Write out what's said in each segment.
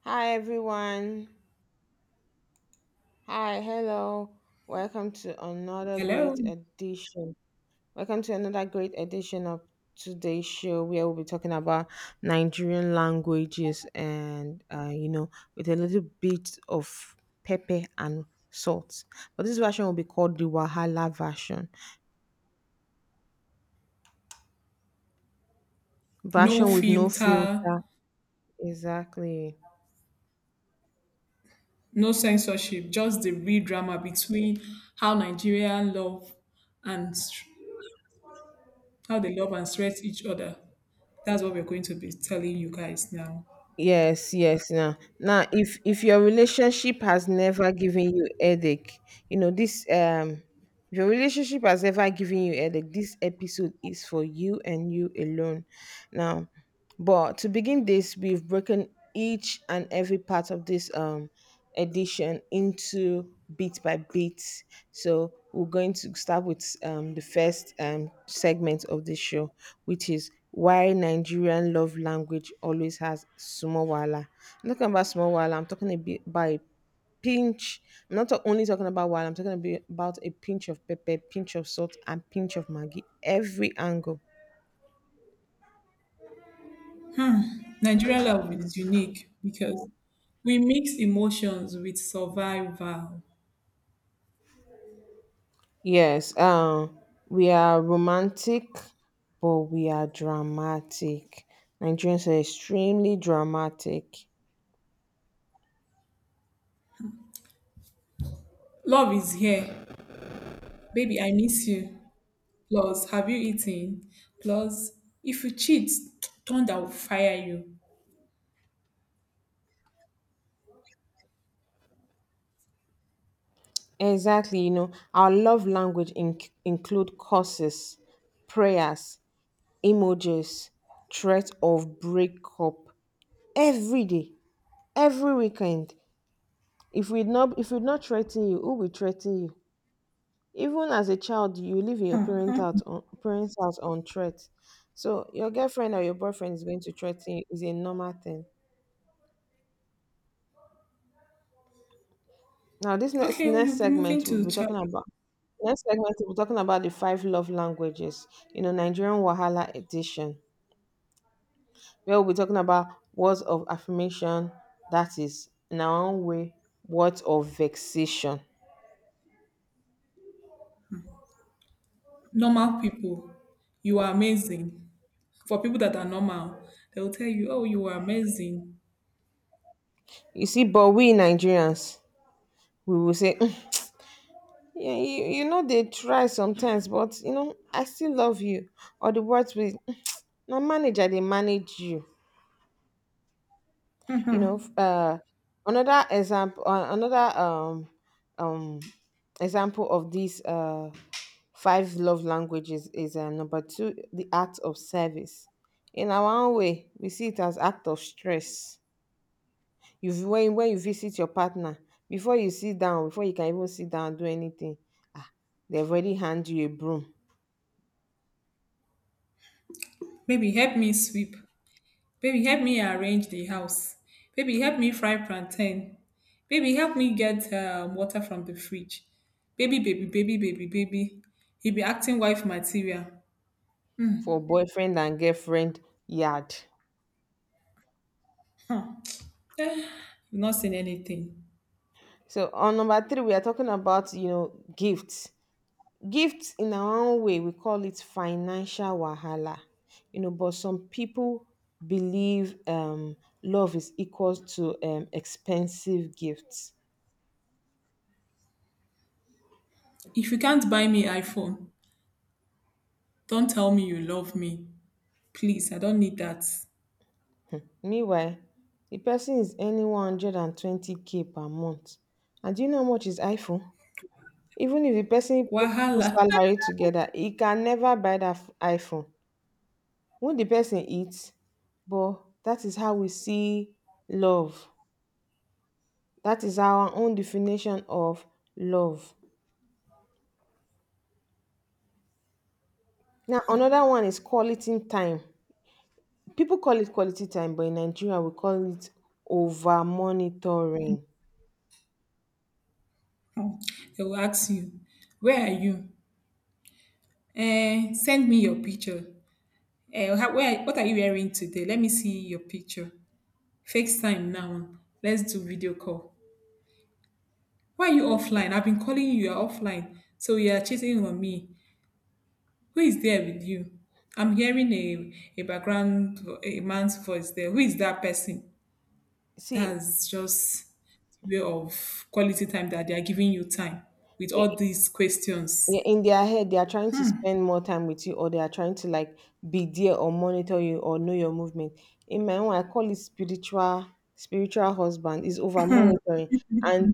Hi, everyone. Hi, hello. Welcome to another Hello. great edition. Welcome to another great edition of today's show, where we'll be talking about Nigerian languages and with a little bit of pepper and salt. But this version will be called the Wahala version. No Version with no filter, filter. Exactly. no censorship, just the real drama between how Nigerian love and how they love and stress each other. That's what we're going to be telling you guys now. Yes, yes. Now, if your relationship has never given you headache, you know this. If your relationship has ever given you headache, this episode is for you and you alone. Now, but to begin this, we've broken each and every part of this. Edition into bit by bit. So we're going to start with the first segment of the show, which is why Nigerian love language always has small wala. I'm talking about small wala. I'm talking a bit about a pinch. I'm not ta- only talking about wala. I'm talking a bit about a pinch of pepper, pinch of salt, and pinch of maggi. Every angle. Nigerian love is unique because we mix emotions with survival. Yes, we are romantic, but we are dramatic. Nigerians are extremely dramatic. Love is here. Baby, I miss you. Plus, have you eaten? Plus, if you cheat, thunder will fire you. Exactly. You know, our love language include curses, prayers, emojis, threat of breakup every day, every weekend. If we not threaten you, who will threaten you? Even as a child, you live in your parents' house on threat. So your girlfriend or your boyfriend is going to threaten you is a normal thing. Now this next Okay, we'll next be moving segment we'll to be chapter talking about Next segment we'll be talking about the five love languages, you know, Nigerian Wahala edition. Where we'll be talking about words of affirmation, that is in our own way, words of vexation. normal people, you are amazing. For people that are normal, they will tell you, oh, you are amazing. You see, but we Nigerians, we will say Yeah, you know they try sometimes, but you know, I still love you. Or the words with now manager, they manage you. You know, another um example of these five love languages is number 2, the act of service. In our own way, we see it as act of stress. You v- when you visit your partner, before you sit down, before you can even sit down and do anything, they've already hand you a broom Maybe help me sweep. Baby, help me arrange the house. Baby, help me fry plantain. Baby, help me get water from the fridge. Baby, baby, baby, baby, baby. He be acting wife material. for boyfriend and girlfriend yard. Huh. Eh, you've not seen anything. So on number 3, we are talking about, you know, gifts. Gifts in our own way, we call it financial wahala. You know, but some people believe love is equal to expensive gifts. If you can't buy me iPhone, don't tell me you love me. Please, I don't need that. Meanwhile, the person is earning 120k per month. And do you know how much is iPhone? Even if the person put two Wahala. salary together, he can never buy that iPhone. When the person eats, but that is how we see love. That is our own definition of love. Now another one is quality time. People call it quality time, but in Nigeria we call it over monitoring. Oh, they will ask you, where are you? Eh, send me your picture. Eh, how, where, what are you wearing today? Let me see your picture. FaceTime now. Let's do video call. Why are you offline? I've been calling you. You're offline. So you are cheating on me. Who is there with you? I'm hearing a background, a man's voice there. Who is that person? See, That's just the way of quality time that they are giving you time with all these yeah, questions. in their head, they are trying to spend more time with you, or they are trying to like be there or monitor you or know your movement. In my own, I call it spiritual husband is over monitoring. And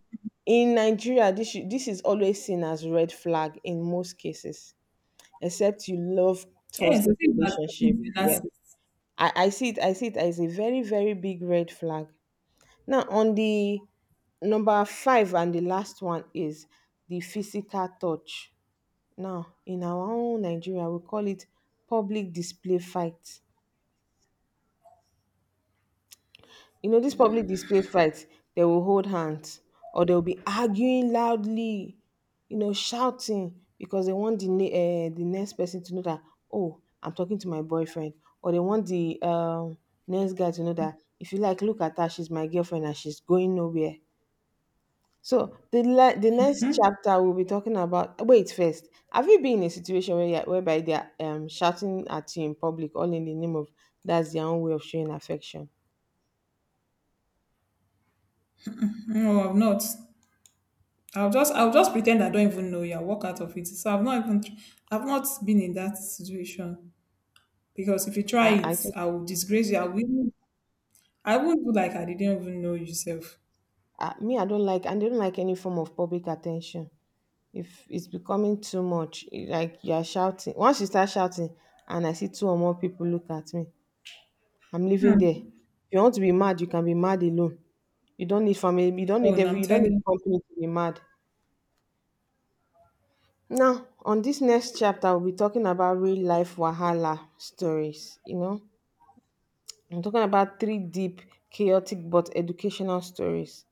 in Nigeria, this is always seen as red flag in most cases, except you love Yes, toxic I think relationship. that Yeah, I see it. I see it as a very, very big red flag. Now on the number 5 and the last one is the physical touch. Now, in our own Nigeria, we call it public display fight. You know, this public display fight, they will hold hands or they'll be arguing loudly, you know, shouting because they want the next person to know that, oh, I'm talking to my boyfriend. Or they want the next guy to know that, if you like, look at her, she's my girlfriend and she's going nowhere. So the next chapter we'll be talking about. Wait, first, have you been in a situation where whereby they are shouting at you in public, all in the name of that's their own way of showing affection? no, I've not. I'll just pretend I don't even know you. I'll walk out of it. So I've not even I've not been in that situation because if you try I, I it, just I will disgrace you. I will I won't do like I didn't even know yourself. me, I don't like any form of public attention. If it's becoming too much, like you are shouting. Once you start shouting, and I see two or more people look at me, I'm leaving there. If you want to be mad, you can be mad alone. You don't need family. You don't Oh, need and I'm every. You don't telling need you. company to be mad. Now, on this next chapter, we'll be talking about real life Wahala stories. You know, I'm talking about three deep, chaotic, but educational stories.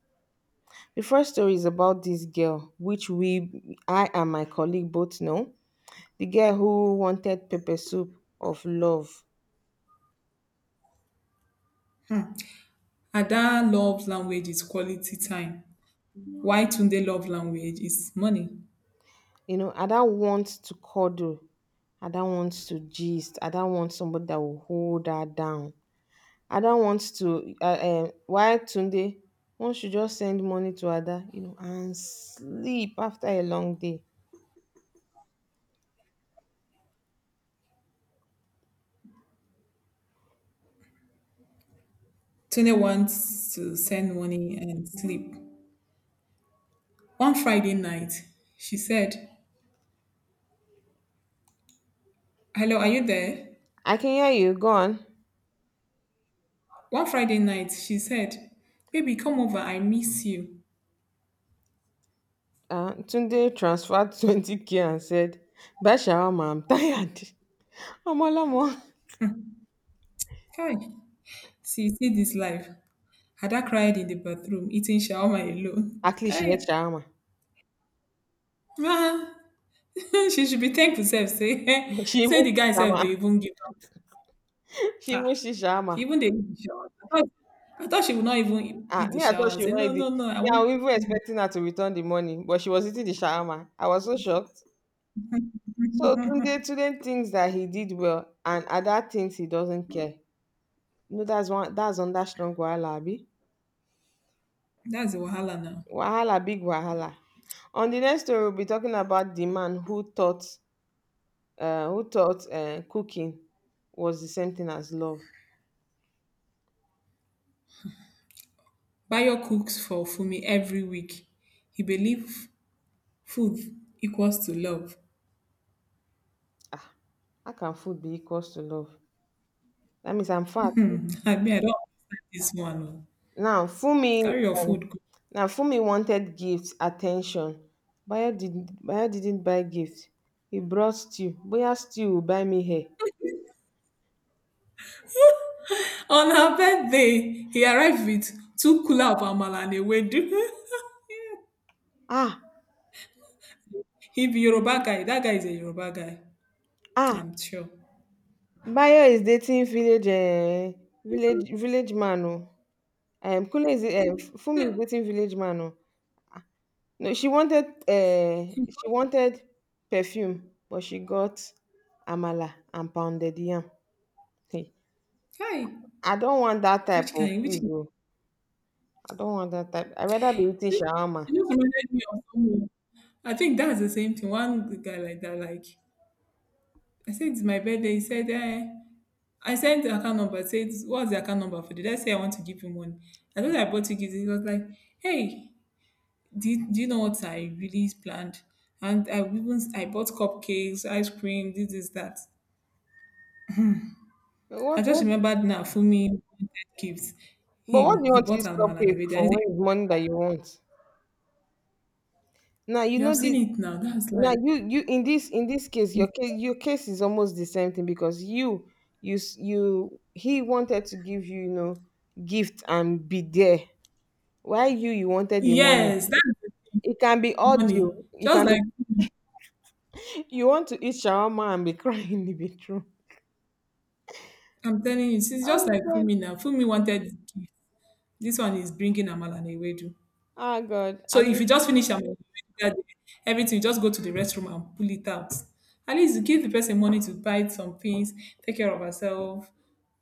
The first story is about this girl, which we, I and my colleague both know. The girl who wanted pepper soup of love. Hmm. Ada love language is quality time. Why Tunde love language is money. You know, Ada wants to cuddle. Ada wants to gist. Ada wants somebody that will hold her down. I don't want to Why Tunde one should just send money to Ada, you know, and sleep after a long day. Tunde wants to send money and sleep. One Friday night, she said, "Hello, are you there?" I can hear you. Go on. One Friday night she said, baby come over, I miss you. Tunde transferred 20k and said, buy shawarma, I'm tired. Omolamo. Kai, see see this life. Ada cried in the bathroom eating shawarma alone. At least Hey, she ate shawarma. ma. She should be thankful sef say She even say the see guy sef shawarma. dey even give up. She Ah, even see she shawarma. even dey eat the shawarma. I thought, I thought she would not even eat Ah, eat the me, I thought shawarma, she say no wanted it. no no, I Me, I want. was even expecting her to return the money, but she was eating the shawarma. I was so shocked. So Tunde, Tunde thinks that he did well, and Ada thinks he doesn't care. No, that's one that's under strong wahala, abi? That's the wahala now. Wahala, big wahala. On the next story, we'll be talking about the man who thought cooking was the same thing as love. Bayo cooks for Fumi every week. He believe food equals to love. Ah, how can food be equals to love? That means I'm fat. I mean, I don't understand this one. Oh. Now Fumi Carry your food, go. Now Fumi wanted gifts, attention. Bayo didn't buy gifts. He brought stew. Boya stew will buy me hair. On her birthday, he arrived with two cooler of amala and a wedu. Ah, He be Yoruba guy. That guy is a Yoruba guy. ah, I'm sure. Bayo is dating village village man. Oh. Kule is Fumi is dating village man. Oh. No, she wanted perfume, but she got amala and pounded yam. Hey, Hi. I don't want that type Which of kind? Which please. kind? Oh. I don't want that type. I rather be eating shawarma. You just reminded me of someone. I think that's the same thing. One guy like that, like I said it's my birthday. He said, eh. I sent the account number, said what's the account number for? Did I say I want to give him money? I thought I bought you gifts. He was like, hey, do you know what I really planned? And I even I bought cupcakes, ice cream, this is that. I What, just what? remembered, now Fumi wanted gifts. But what do Him, you he want bought this Almala and cupcake everything. And for? he's When is like, money that you want? Now you you have know seen this. it now. That's Now like you in this case your case your case is almost the same thing because you s- you he wanted to give you, you know, gift and be there. Why you? You wanted the money. yes, that's It can be audio. money. It Just can be. like Fumi. You want to eat shawarma and be crying in the bedroom. I'm telling you, it's just Oh like God. Fumi now. Fumi wanted gifts. This one is bringing Amala and Ewedu. Oh God. So I if mean, you just finish Amala and Ewedu that day, everything, you just go to the restroom and pull it out. At least you give the person money to buy some things, take care of herself,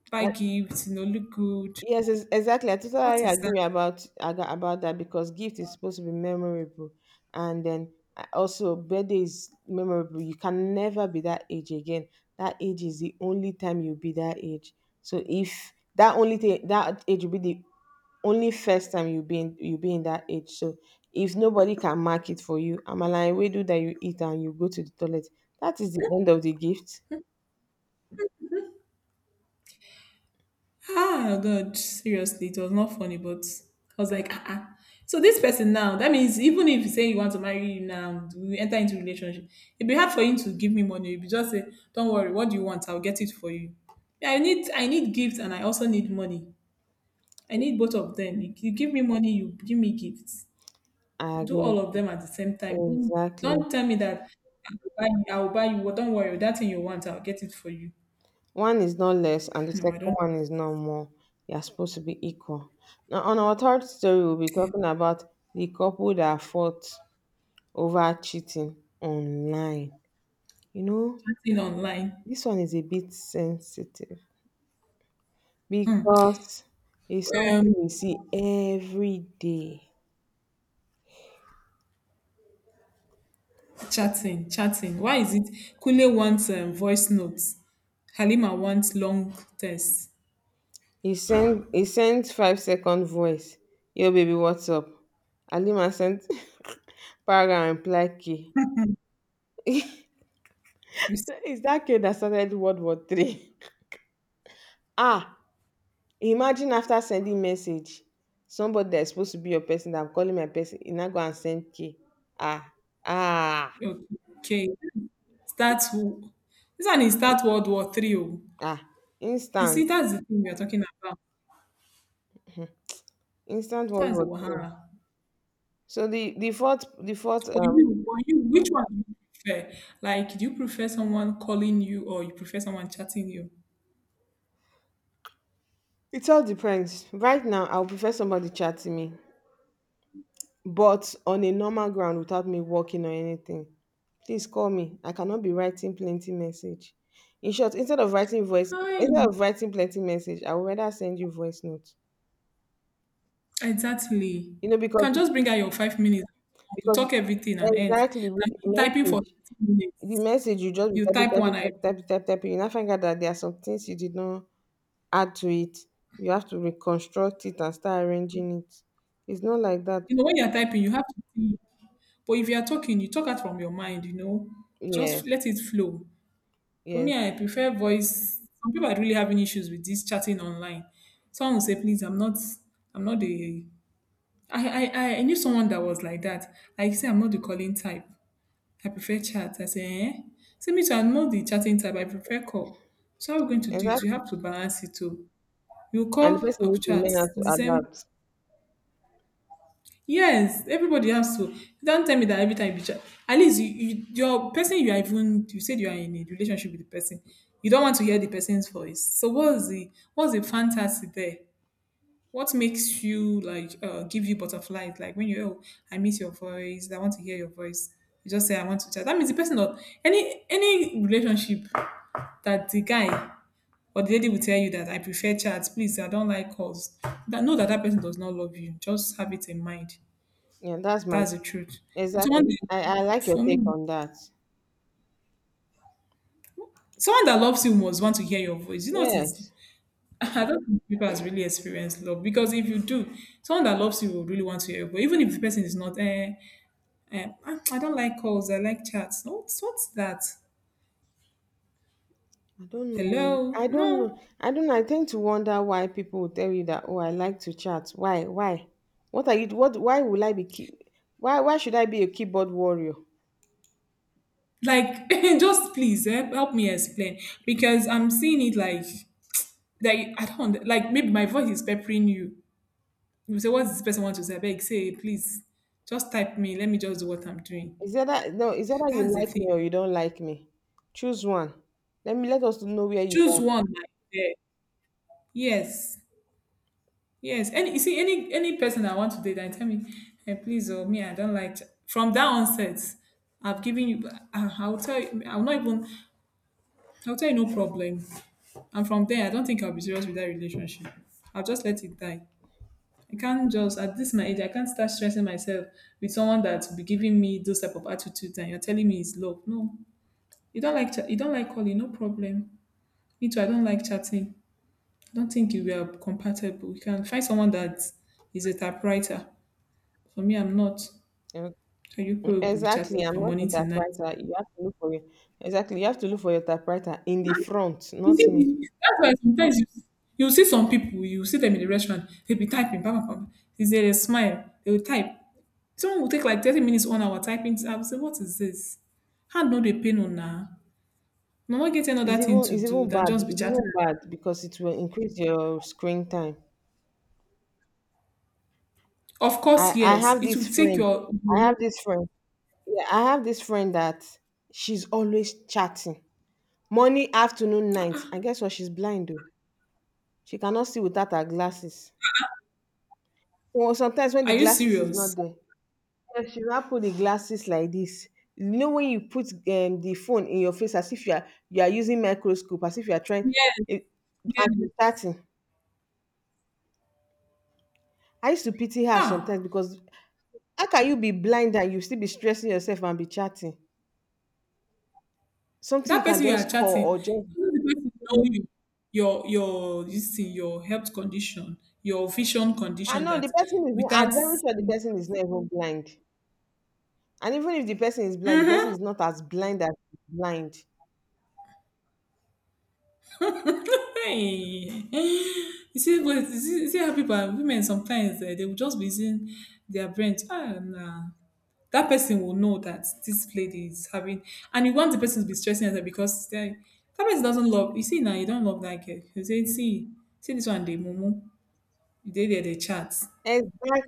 buy I- gifts, you know, look good. yes, exactly. I What totally is that? agree about that because gift is supposed to be memorable, and then also birthday is memorable. You can never be that age again. That age is the only time you'll be that age. So if that only thing that age will be the only first time you be in that age. So if nobody can mark it for you, amala and ewedu that you eat and you go to the toilet, that is the end of the gift. Ah, God, seriously, it was not funny, but I was like, ah, ah. So this person now, that means even if you say you want to marry him now, we enter into relationship, it'd be hard for him to give me money. You'd be just say, don't worry, what do you want? I'll get it for you. Yeah, I need gifts and I also need money. I need both of them. You give me money, you give me gifts. I Do agree all of with them at the same time. you. Exactly. Don't tell me that I will buy you. Well, don't worry, that thing you want, I'll get it for you. One is not less, and the No, I second don't. one is not more. They are supposed to be equal. Now, on our third story, we'll be talking about the couple that fought over cheating online. You know, Chatting online. this one is a bit sensitive because it's Um, something we see every day. chatting. Why is it Kule wants voice notes? Halima wants long tests. He sent 5-second voice. Yo, baby, what's up? Halima sent para and reply k. You see? Is that k that started World War III? Ah, imagine after sending message, somebody that is supposed to be your person that I'm calling my person, he now go and send k. Ah, ah, Okay. Start. Who. This one is start World War Three. Oh, ah, you instant see, that's the thing we are talking about. instant world That's the war three Wahara. So the the fourth the fourth For um you, for you, which one do you prefer? Like, do you prefer someone calling you or you prefer someone chatting you? it all depends. Right now I would prefer somebody chatting me, but on a normal ground without me working or anything. Please call me. I cannot be writing plenty message. In short, instead of writing voice, instead Fine. of writing plenty message, I would rather send you voice note. Exactly. You know, because Can just bring out your 5 minutes. You because talk everything and end. exactly with I mean, typing for 30 the minutes. message you just be You typing, type typing, one. Typing, typing, typing, typing. You now find out that there are some things you did not add to it. You have to reconstruct it and start arranging it. It's not like that. You know, when you're typing, you have to think. But if you're talking, you talk out from your mind, you know, Yes, just let it flow. For yes, me, I prefer voice. Some people are really having issues with this chatting online. Someone will say, please, I'm not the, I knew someone that was like that. Like, say, I'm not the calling type. I prefer chat. I say, eh? So me too, I'm not the chatting type. I prefer call. So how are we going to do it? exactly. We have to balance it too. You And the call, person or needs to chat. learn how The to same. adapt. Yes, everybody has to. Don't tell me that every time you chat. At least you, you your person you are even you said you are in a relationship with the person. You don't want to hear the person's voice. So what's the fantasy there? What makes you like give you butterflies? Like when you oh I miss your voice, I want to hear your voice. You just say I want to chat. That means the person or any relationship that the guy or the lady will tell you that I prefer chats, please I don't like calls. That know that that person does not love you. Just have it in mind. Yeah, that's my That's the truth. exactly. Someone I that- like your for take me, on that. someone that loves you must want to hear your voice. You know what is. Yes. I don't think people has really experienced love because if you do, someone that loves you will really want to hear your voice. Even if the person is not, eh, "Ah, I don't like calls. I like chats. What's that?" I don't know. Hello? I don't know. No. I don't know. I tend to wonder why people will tell you that, oh, I like to chat. Why? Why? What are you what why will I be key, why should I be a keyboard warrior? Like, just please eh, help me explain because I'm seeing it like that. I don't like. Maybe my voice is peppering you. You say, "What does this person want to say?" I beg, say, please, just type me. Let me just do what I'm doing. Is that that no, is that that you That's the like me thing. or you don't like me? Choose one. Let us know where you Choose are. one. Like, eh, yes, yes. Any you see any person I want to date, I tell me, hey, please, oh me, I don't like. From that onset, I've given you. I'll tell you. I'll not even. I'll tell you no problem. And from then, I don't think I'll be serious with that relationship. I'll just let it die. I can't just, at this my age, I can't start stressing myself with someone that will be giving me those type of attitudes and you're telling me it's love. No. You don't like, you don't like calling, no problem. Me too, I don't like chatting. I don't think you are compatible. You can find someone that is a typewriter. For me, I'm not. So Mm, you people mm, will be exactly. chatting I'm from not a morning to night. typewriter. You have to look for your exactly. You have to look for your typewriter in the front, You not me. see, that's why sometimes you, you see some people, you see them in the restaurant, they'll be typing, bam, bam, bam. Is there a smile? They will type. Someone will take like 30 minutes on our typing. I will say, what is this? Hand no dey pain on now. I are not getting another It's thing even to it's do even than bad. just be It's chatting. even bad because it will increase your screen time. Of I course, I yes. have It this will take friend. your. I have this friend. Yeah, I have this friend that she's always chatting. Morning, afternoon, night. And guess what? She's blind though. She cannot see without her glasses. So sometimes when Are the you glasses is serious? not there, so she now put the glasses like this. You know when you put the phone in your face as if you are you are using microscope, as if you are trying Yes, it, yes. and she's chatting. I used to pity her sometimes Huh. because how can you be blind and you still be stressing yourself and be chatting? Something That you can person you are just call chatting, even or just. the person know you, your this thing, your health condition, your vision I condition know that the person is. with I'm that. very sure the person is not even blind. And even if the person is blind, the person Uh-huh. is not as blind as blind. Hey. You see, but you see how people are women sometimes eh, they will just be using their brain. To, ah, nah. That person will know that this lady is having, and you want the person to be stressing herself because they, that person doesn't love. You see now, you don't love that girl. You say, see, see this one, they mumu. They chat. Exactly.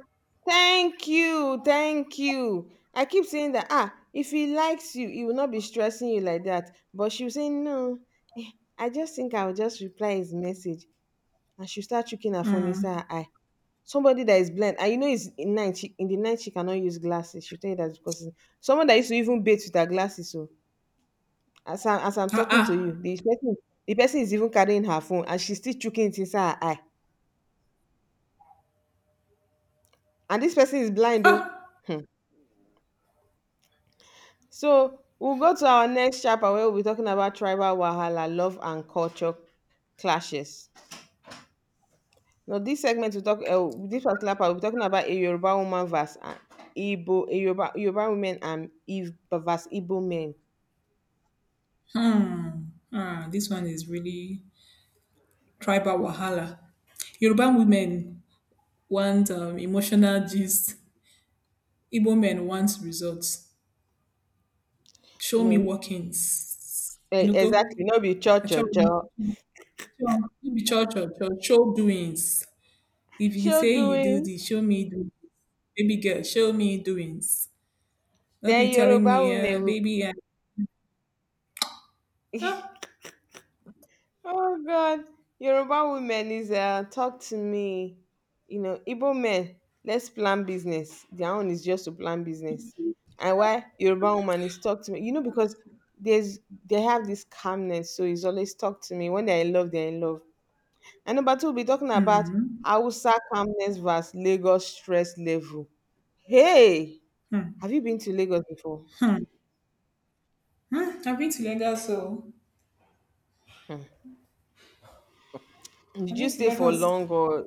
Thank you, thank you. I keep saying that. Ah, if he likes you, he will not be stressing you like that. But she was saying no. eh, I just think I will just reply his message, and she start checking her phone inside her eye. Somebody that is blind, and you know it's in night. She, in the night, she cannot use glasses. She tell you that because it's- someone that used to even bathe with her glasses. So as I'm Ah talking to ah you, the person is even carrying her phone, and she's still chucking it inside her eye. And this person is blind though. ah. So we'll go to our next chapter where we'll be talking about tribal wahala, love and culture clashes. Now, this segment we talk this particular part we'll be talking about a Yoruba woman versus an Igbo, a Yoruba, Yoruba women and Eve versus Igbo men. Mm, ah, this one is really tribal wahala. Yoruba women want emotional gist. Igbo men want results. Show You me know, workings. E- Enugo, exactly, no be cho cho cho. be church or church, show doings. If you say Show you do doing. this, show me doings. Baby girl, show me doings. Don't be Then telling me, Yoruba women will- baby, ah, oh God, Yoruba women is talk to me. You know, Igbo men. Let's plan business. Their own is just to plan business. And why Yoruba woman is talk to me? You know, because there's they have this calmness, so it's always talk to me. When they're in love, they're in love. And number two, we'll be talking about Hmm Hausa calmness versus Lagos stress level. Hey, hmm. have you been to Lagos before? mm. I've been to Lagos, so Hmm. Did I've been you to stay for Lagos. long or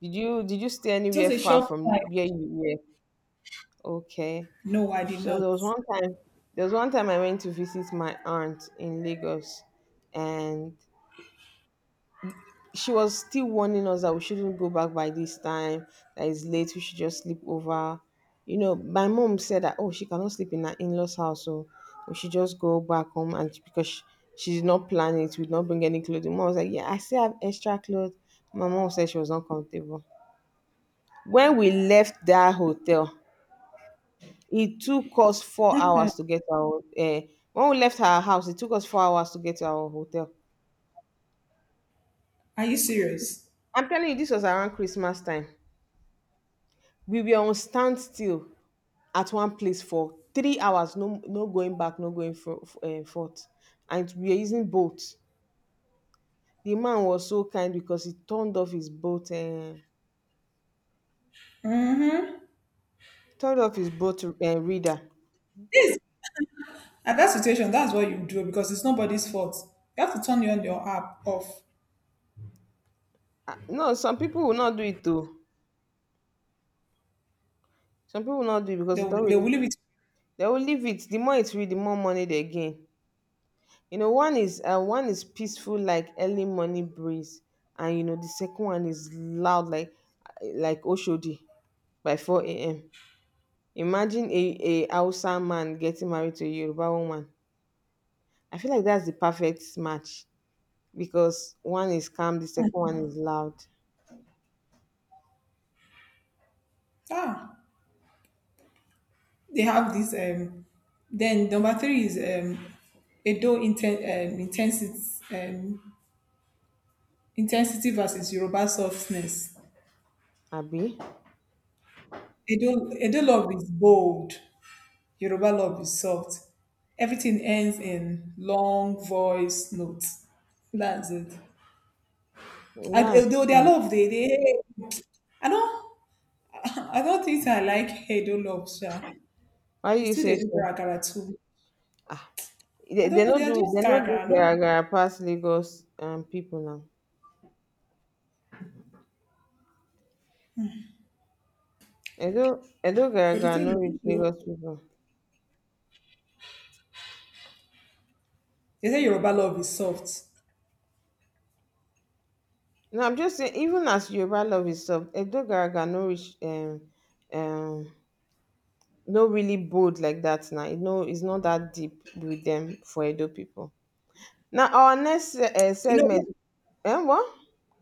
did you stay anywhere Just a far short time. from where you were? Okay. No, I did So not. there was one time there was one time I went to visit my aunt in Lagos and she was still warning us that we shouldn't go back by this time, that it's late, we should just sleep over. You know, my mom said that oh she cannot sleep in her in-laws house, so we should just go back home and because she did not plan it, we did not bring any clothing. Mom was like, yeah, I still have extra clothes. My mom said she was not comfortable. When we left that hotel it took us 4 hours to get our when we left our house it took us 4 hours to get to our hotel. Are you serious? I'm telling you, this was around Christmas time. We were on standstill at one place for 3 hours, no no going back, no going for, forth, and we were using boats. The man was so kind because he turned off his boat turned off his boat reader. At that situation, that's what you do because it's nobody's fault. You have to turn on your app off. Ah, no, some people will not do it though, some people will not do it They because they will, don't they really will leave it. they will leave it, the more it read the more money they gain. You know one is peaceful like early morning breeze, and you know the second one is loud like Oshodi by 4 a.m. Imagine a Hausa man getting married to a Yoruba woman. I feel like that's the perfect match because one is calm, the second one is loud. Ah, they have this. Then Number three is intensity. um, Intensity versus Yoruba softness. Abi? Edo love is bold, Yoruba love is soft. Everything ends in long voice notes. That's it. And Yeah. although their love, they I don't I don't think I like Edo love, sha. Why It's you too, they say do so? karakara too. Ah, I don't know, they are just they no do karakara, no. gara gara pass Lagos people now. Edo Edo But the Garagara thing no reach is, Lagos people. they say Yoruba love is soft. No, I'm just saying, even as Yoruba love is soft, Edo Garagara no reach um no really bold like that now. You know, it's not that deep with them for Edo people. Now our next You know, segment, what- and what?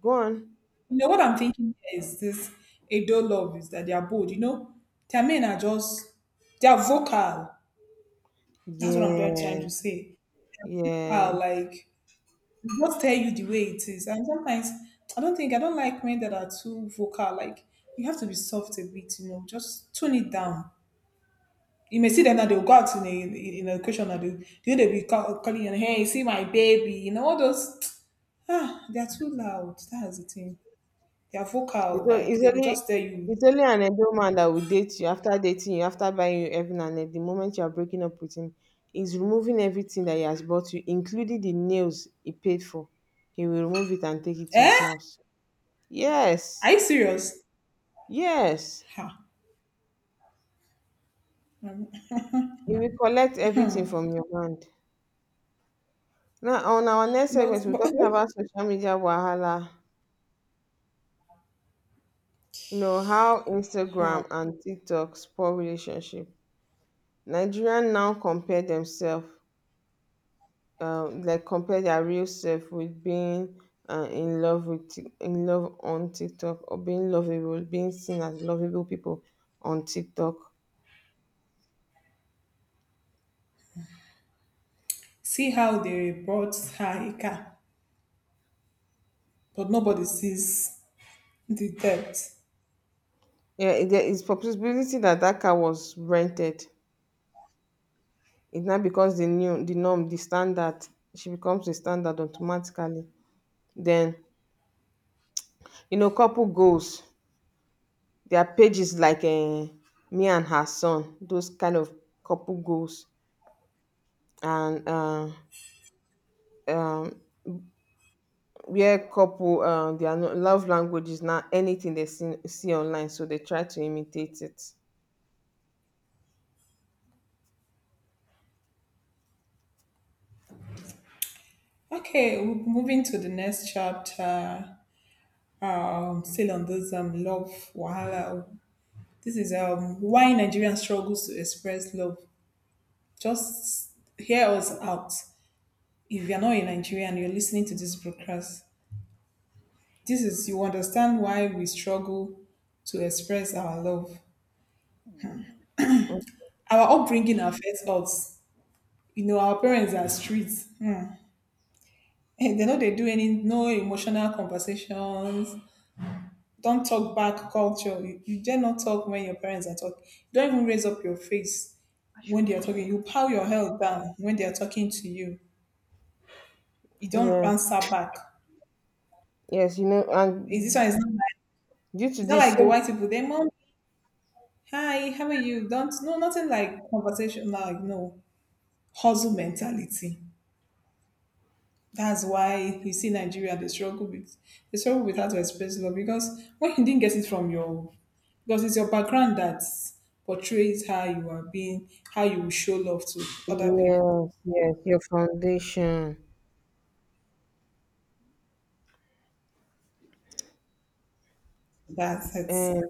Go on. you know what I'm thinking here is this: Edo love is that they are bold. You know, their men are just, they are vocal. That's what I'm trying Yeah, trying to say. yeah. Vocal, like they just tell you the way it is. And sometimes I don't think I don't like men that are too vocal. Like you have to be soft a bit. You know, just tone it down. You may see them that they'll go out in a question that they be calling you, hey, see my baby. You know all those. Ah, they are too loud. That's the thing. They are It's vocal, only, like it's they will only, just tell you, it's only an Edo man that will date you after dating you, after buying you everything, and then the moment you are breaking up with him, he's removing everything that he has bought you, including the nails he paid for. He will remove it and take it to his eh? house. Are Yes, you serious? yes. Ha. Um, He will collect everything from your hand. Now, on our next segment, we're but talking about social media wahala. You know, how how? Instagram and TikTok spoil relationship. Nigerians now compare themselves like compare their real self with being in love with Tik- in love on TikTok or being lovable, being seen as lovable people on TikTok. See how they brought her a car, but nobody sees the depth. Yeah, it- there is possibility that that car was rented. It now becomes the new, the norm, the standard. She becomes the standard automatically. Then, you know, couple goals. Their pages like me and her son, those kind of couple goals, and um, where couple uh, their love language is not anything they see, see online so they try to imitate it. Okay, we're moving to the next chapter. Still on this love wahala. This is why Nigerian struggles to express love. Just hear us out. If you're not a Nigerian, you're listening to this broadcast. This is you understand why we struggle to express our love. Mm, Our upbringing affects us. You know, our parents are strict. Hmm. And they know they do any no emotional conversations. Don't talk back culture. You dare not talk when your parents are talking. You don't even raise up your face when they are talking. You power your head down when they are talking to you. You don't yeah, answer back. yes, you know, Is this and one is not like, due to it's not this like the so white people. They mom, hi, how are you? Don't no nothing like conversation like no. Hustle mentality. That's why you see Nigeria, they struggle with how to express love, because when you didn't get it from your, because it's your background that portrays how you are being, how you will show love to other people. yes, yes, your foundation, That's it. and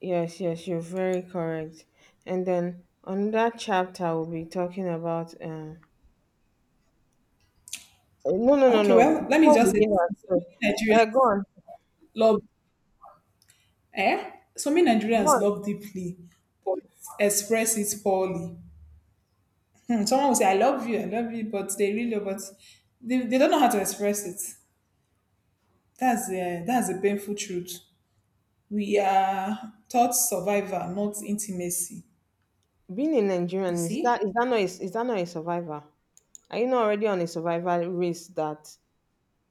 yes, yes, you're very correct, and then another chapter will be talking about uh, no no no Okay, no, well let me before we just say begin that this. So so, many go Nigerians on, love, eh? So many go Nigerians on. love deeply but express it poorly. Hmm, someone will say, I love you, but they really, but they don't know how to express it. That's a, that's a painful truth. We are taught survival, not intimacy. Being a You Nigerian see. Is that not a, is that not a survivor? Are you not already on a survival race that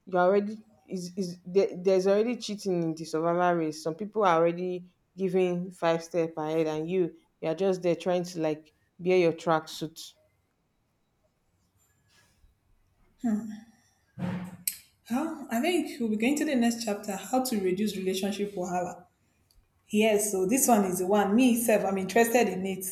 you're already is there, there's already cheating in the survival race. Some people are already giving five step ahead, and you you're just there trying to like bear your tracksuit. Huh? I think we'll be going to the next chapter, how to reduce relationship wahala. Yes, so this one is the one me self I'm interested in it.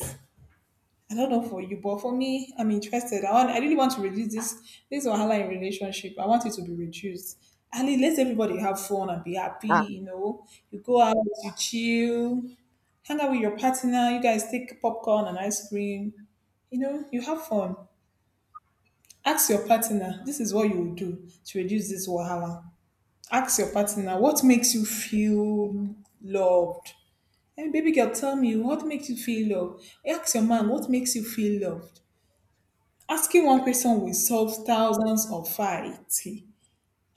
I don't know for you, but for me, I'm interested. I want, I really want to reduce this this wahala in relationship. I want it to be reduced. And it lets everybody have fun and be happy. Ah, You know, you go out, you chill, hang out with your partner. You guys take popcorn and ice cream. You know, you have fun. Ask your partner. This is what you will do to reduce this wahala. Ask your partner what makes you feel loved. Hey, baby girl, tell me what makes you feel loved. Ask your man what makes you feel loved. Asking one question will solve thousands of fights.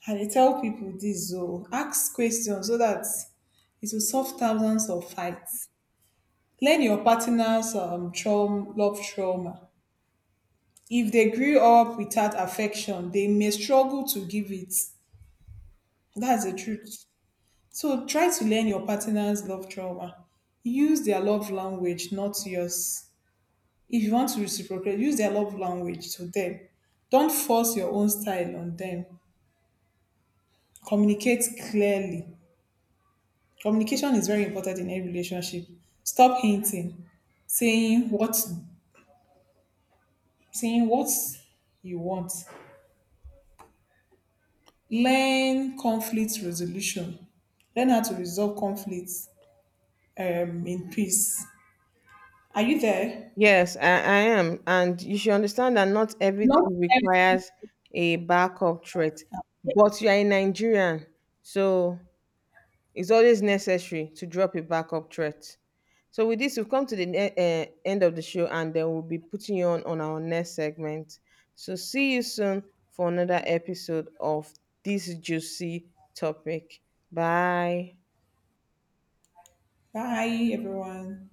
I dey tell people this o, ask questions so that it will solve thousands of fights." Learn your partner's love trauma. If they grew up without affection, they may struggle to give it. That's the truth. So try to learn your partner's love trauma. Use their love language, not yours. If you want to reciprocate, use their love language to them. Don't force your own style on them. Communicate clearly. Communication is very important in any relationship. Stop hinting, saying what saying what you want. Learn conflict resolution. Learn how to resolve conflicts in peace. Are you there? yes, I am, and you should understand that not Not everything every- requires a backup threat. But you are a Nigerian, so it's always necessary to drop a backup threat. So with this, we've come to the end of the show, and then we'll be putting you on our next segment. So see you soon for another episode of this juicy topic. Bye. Bye, everyone.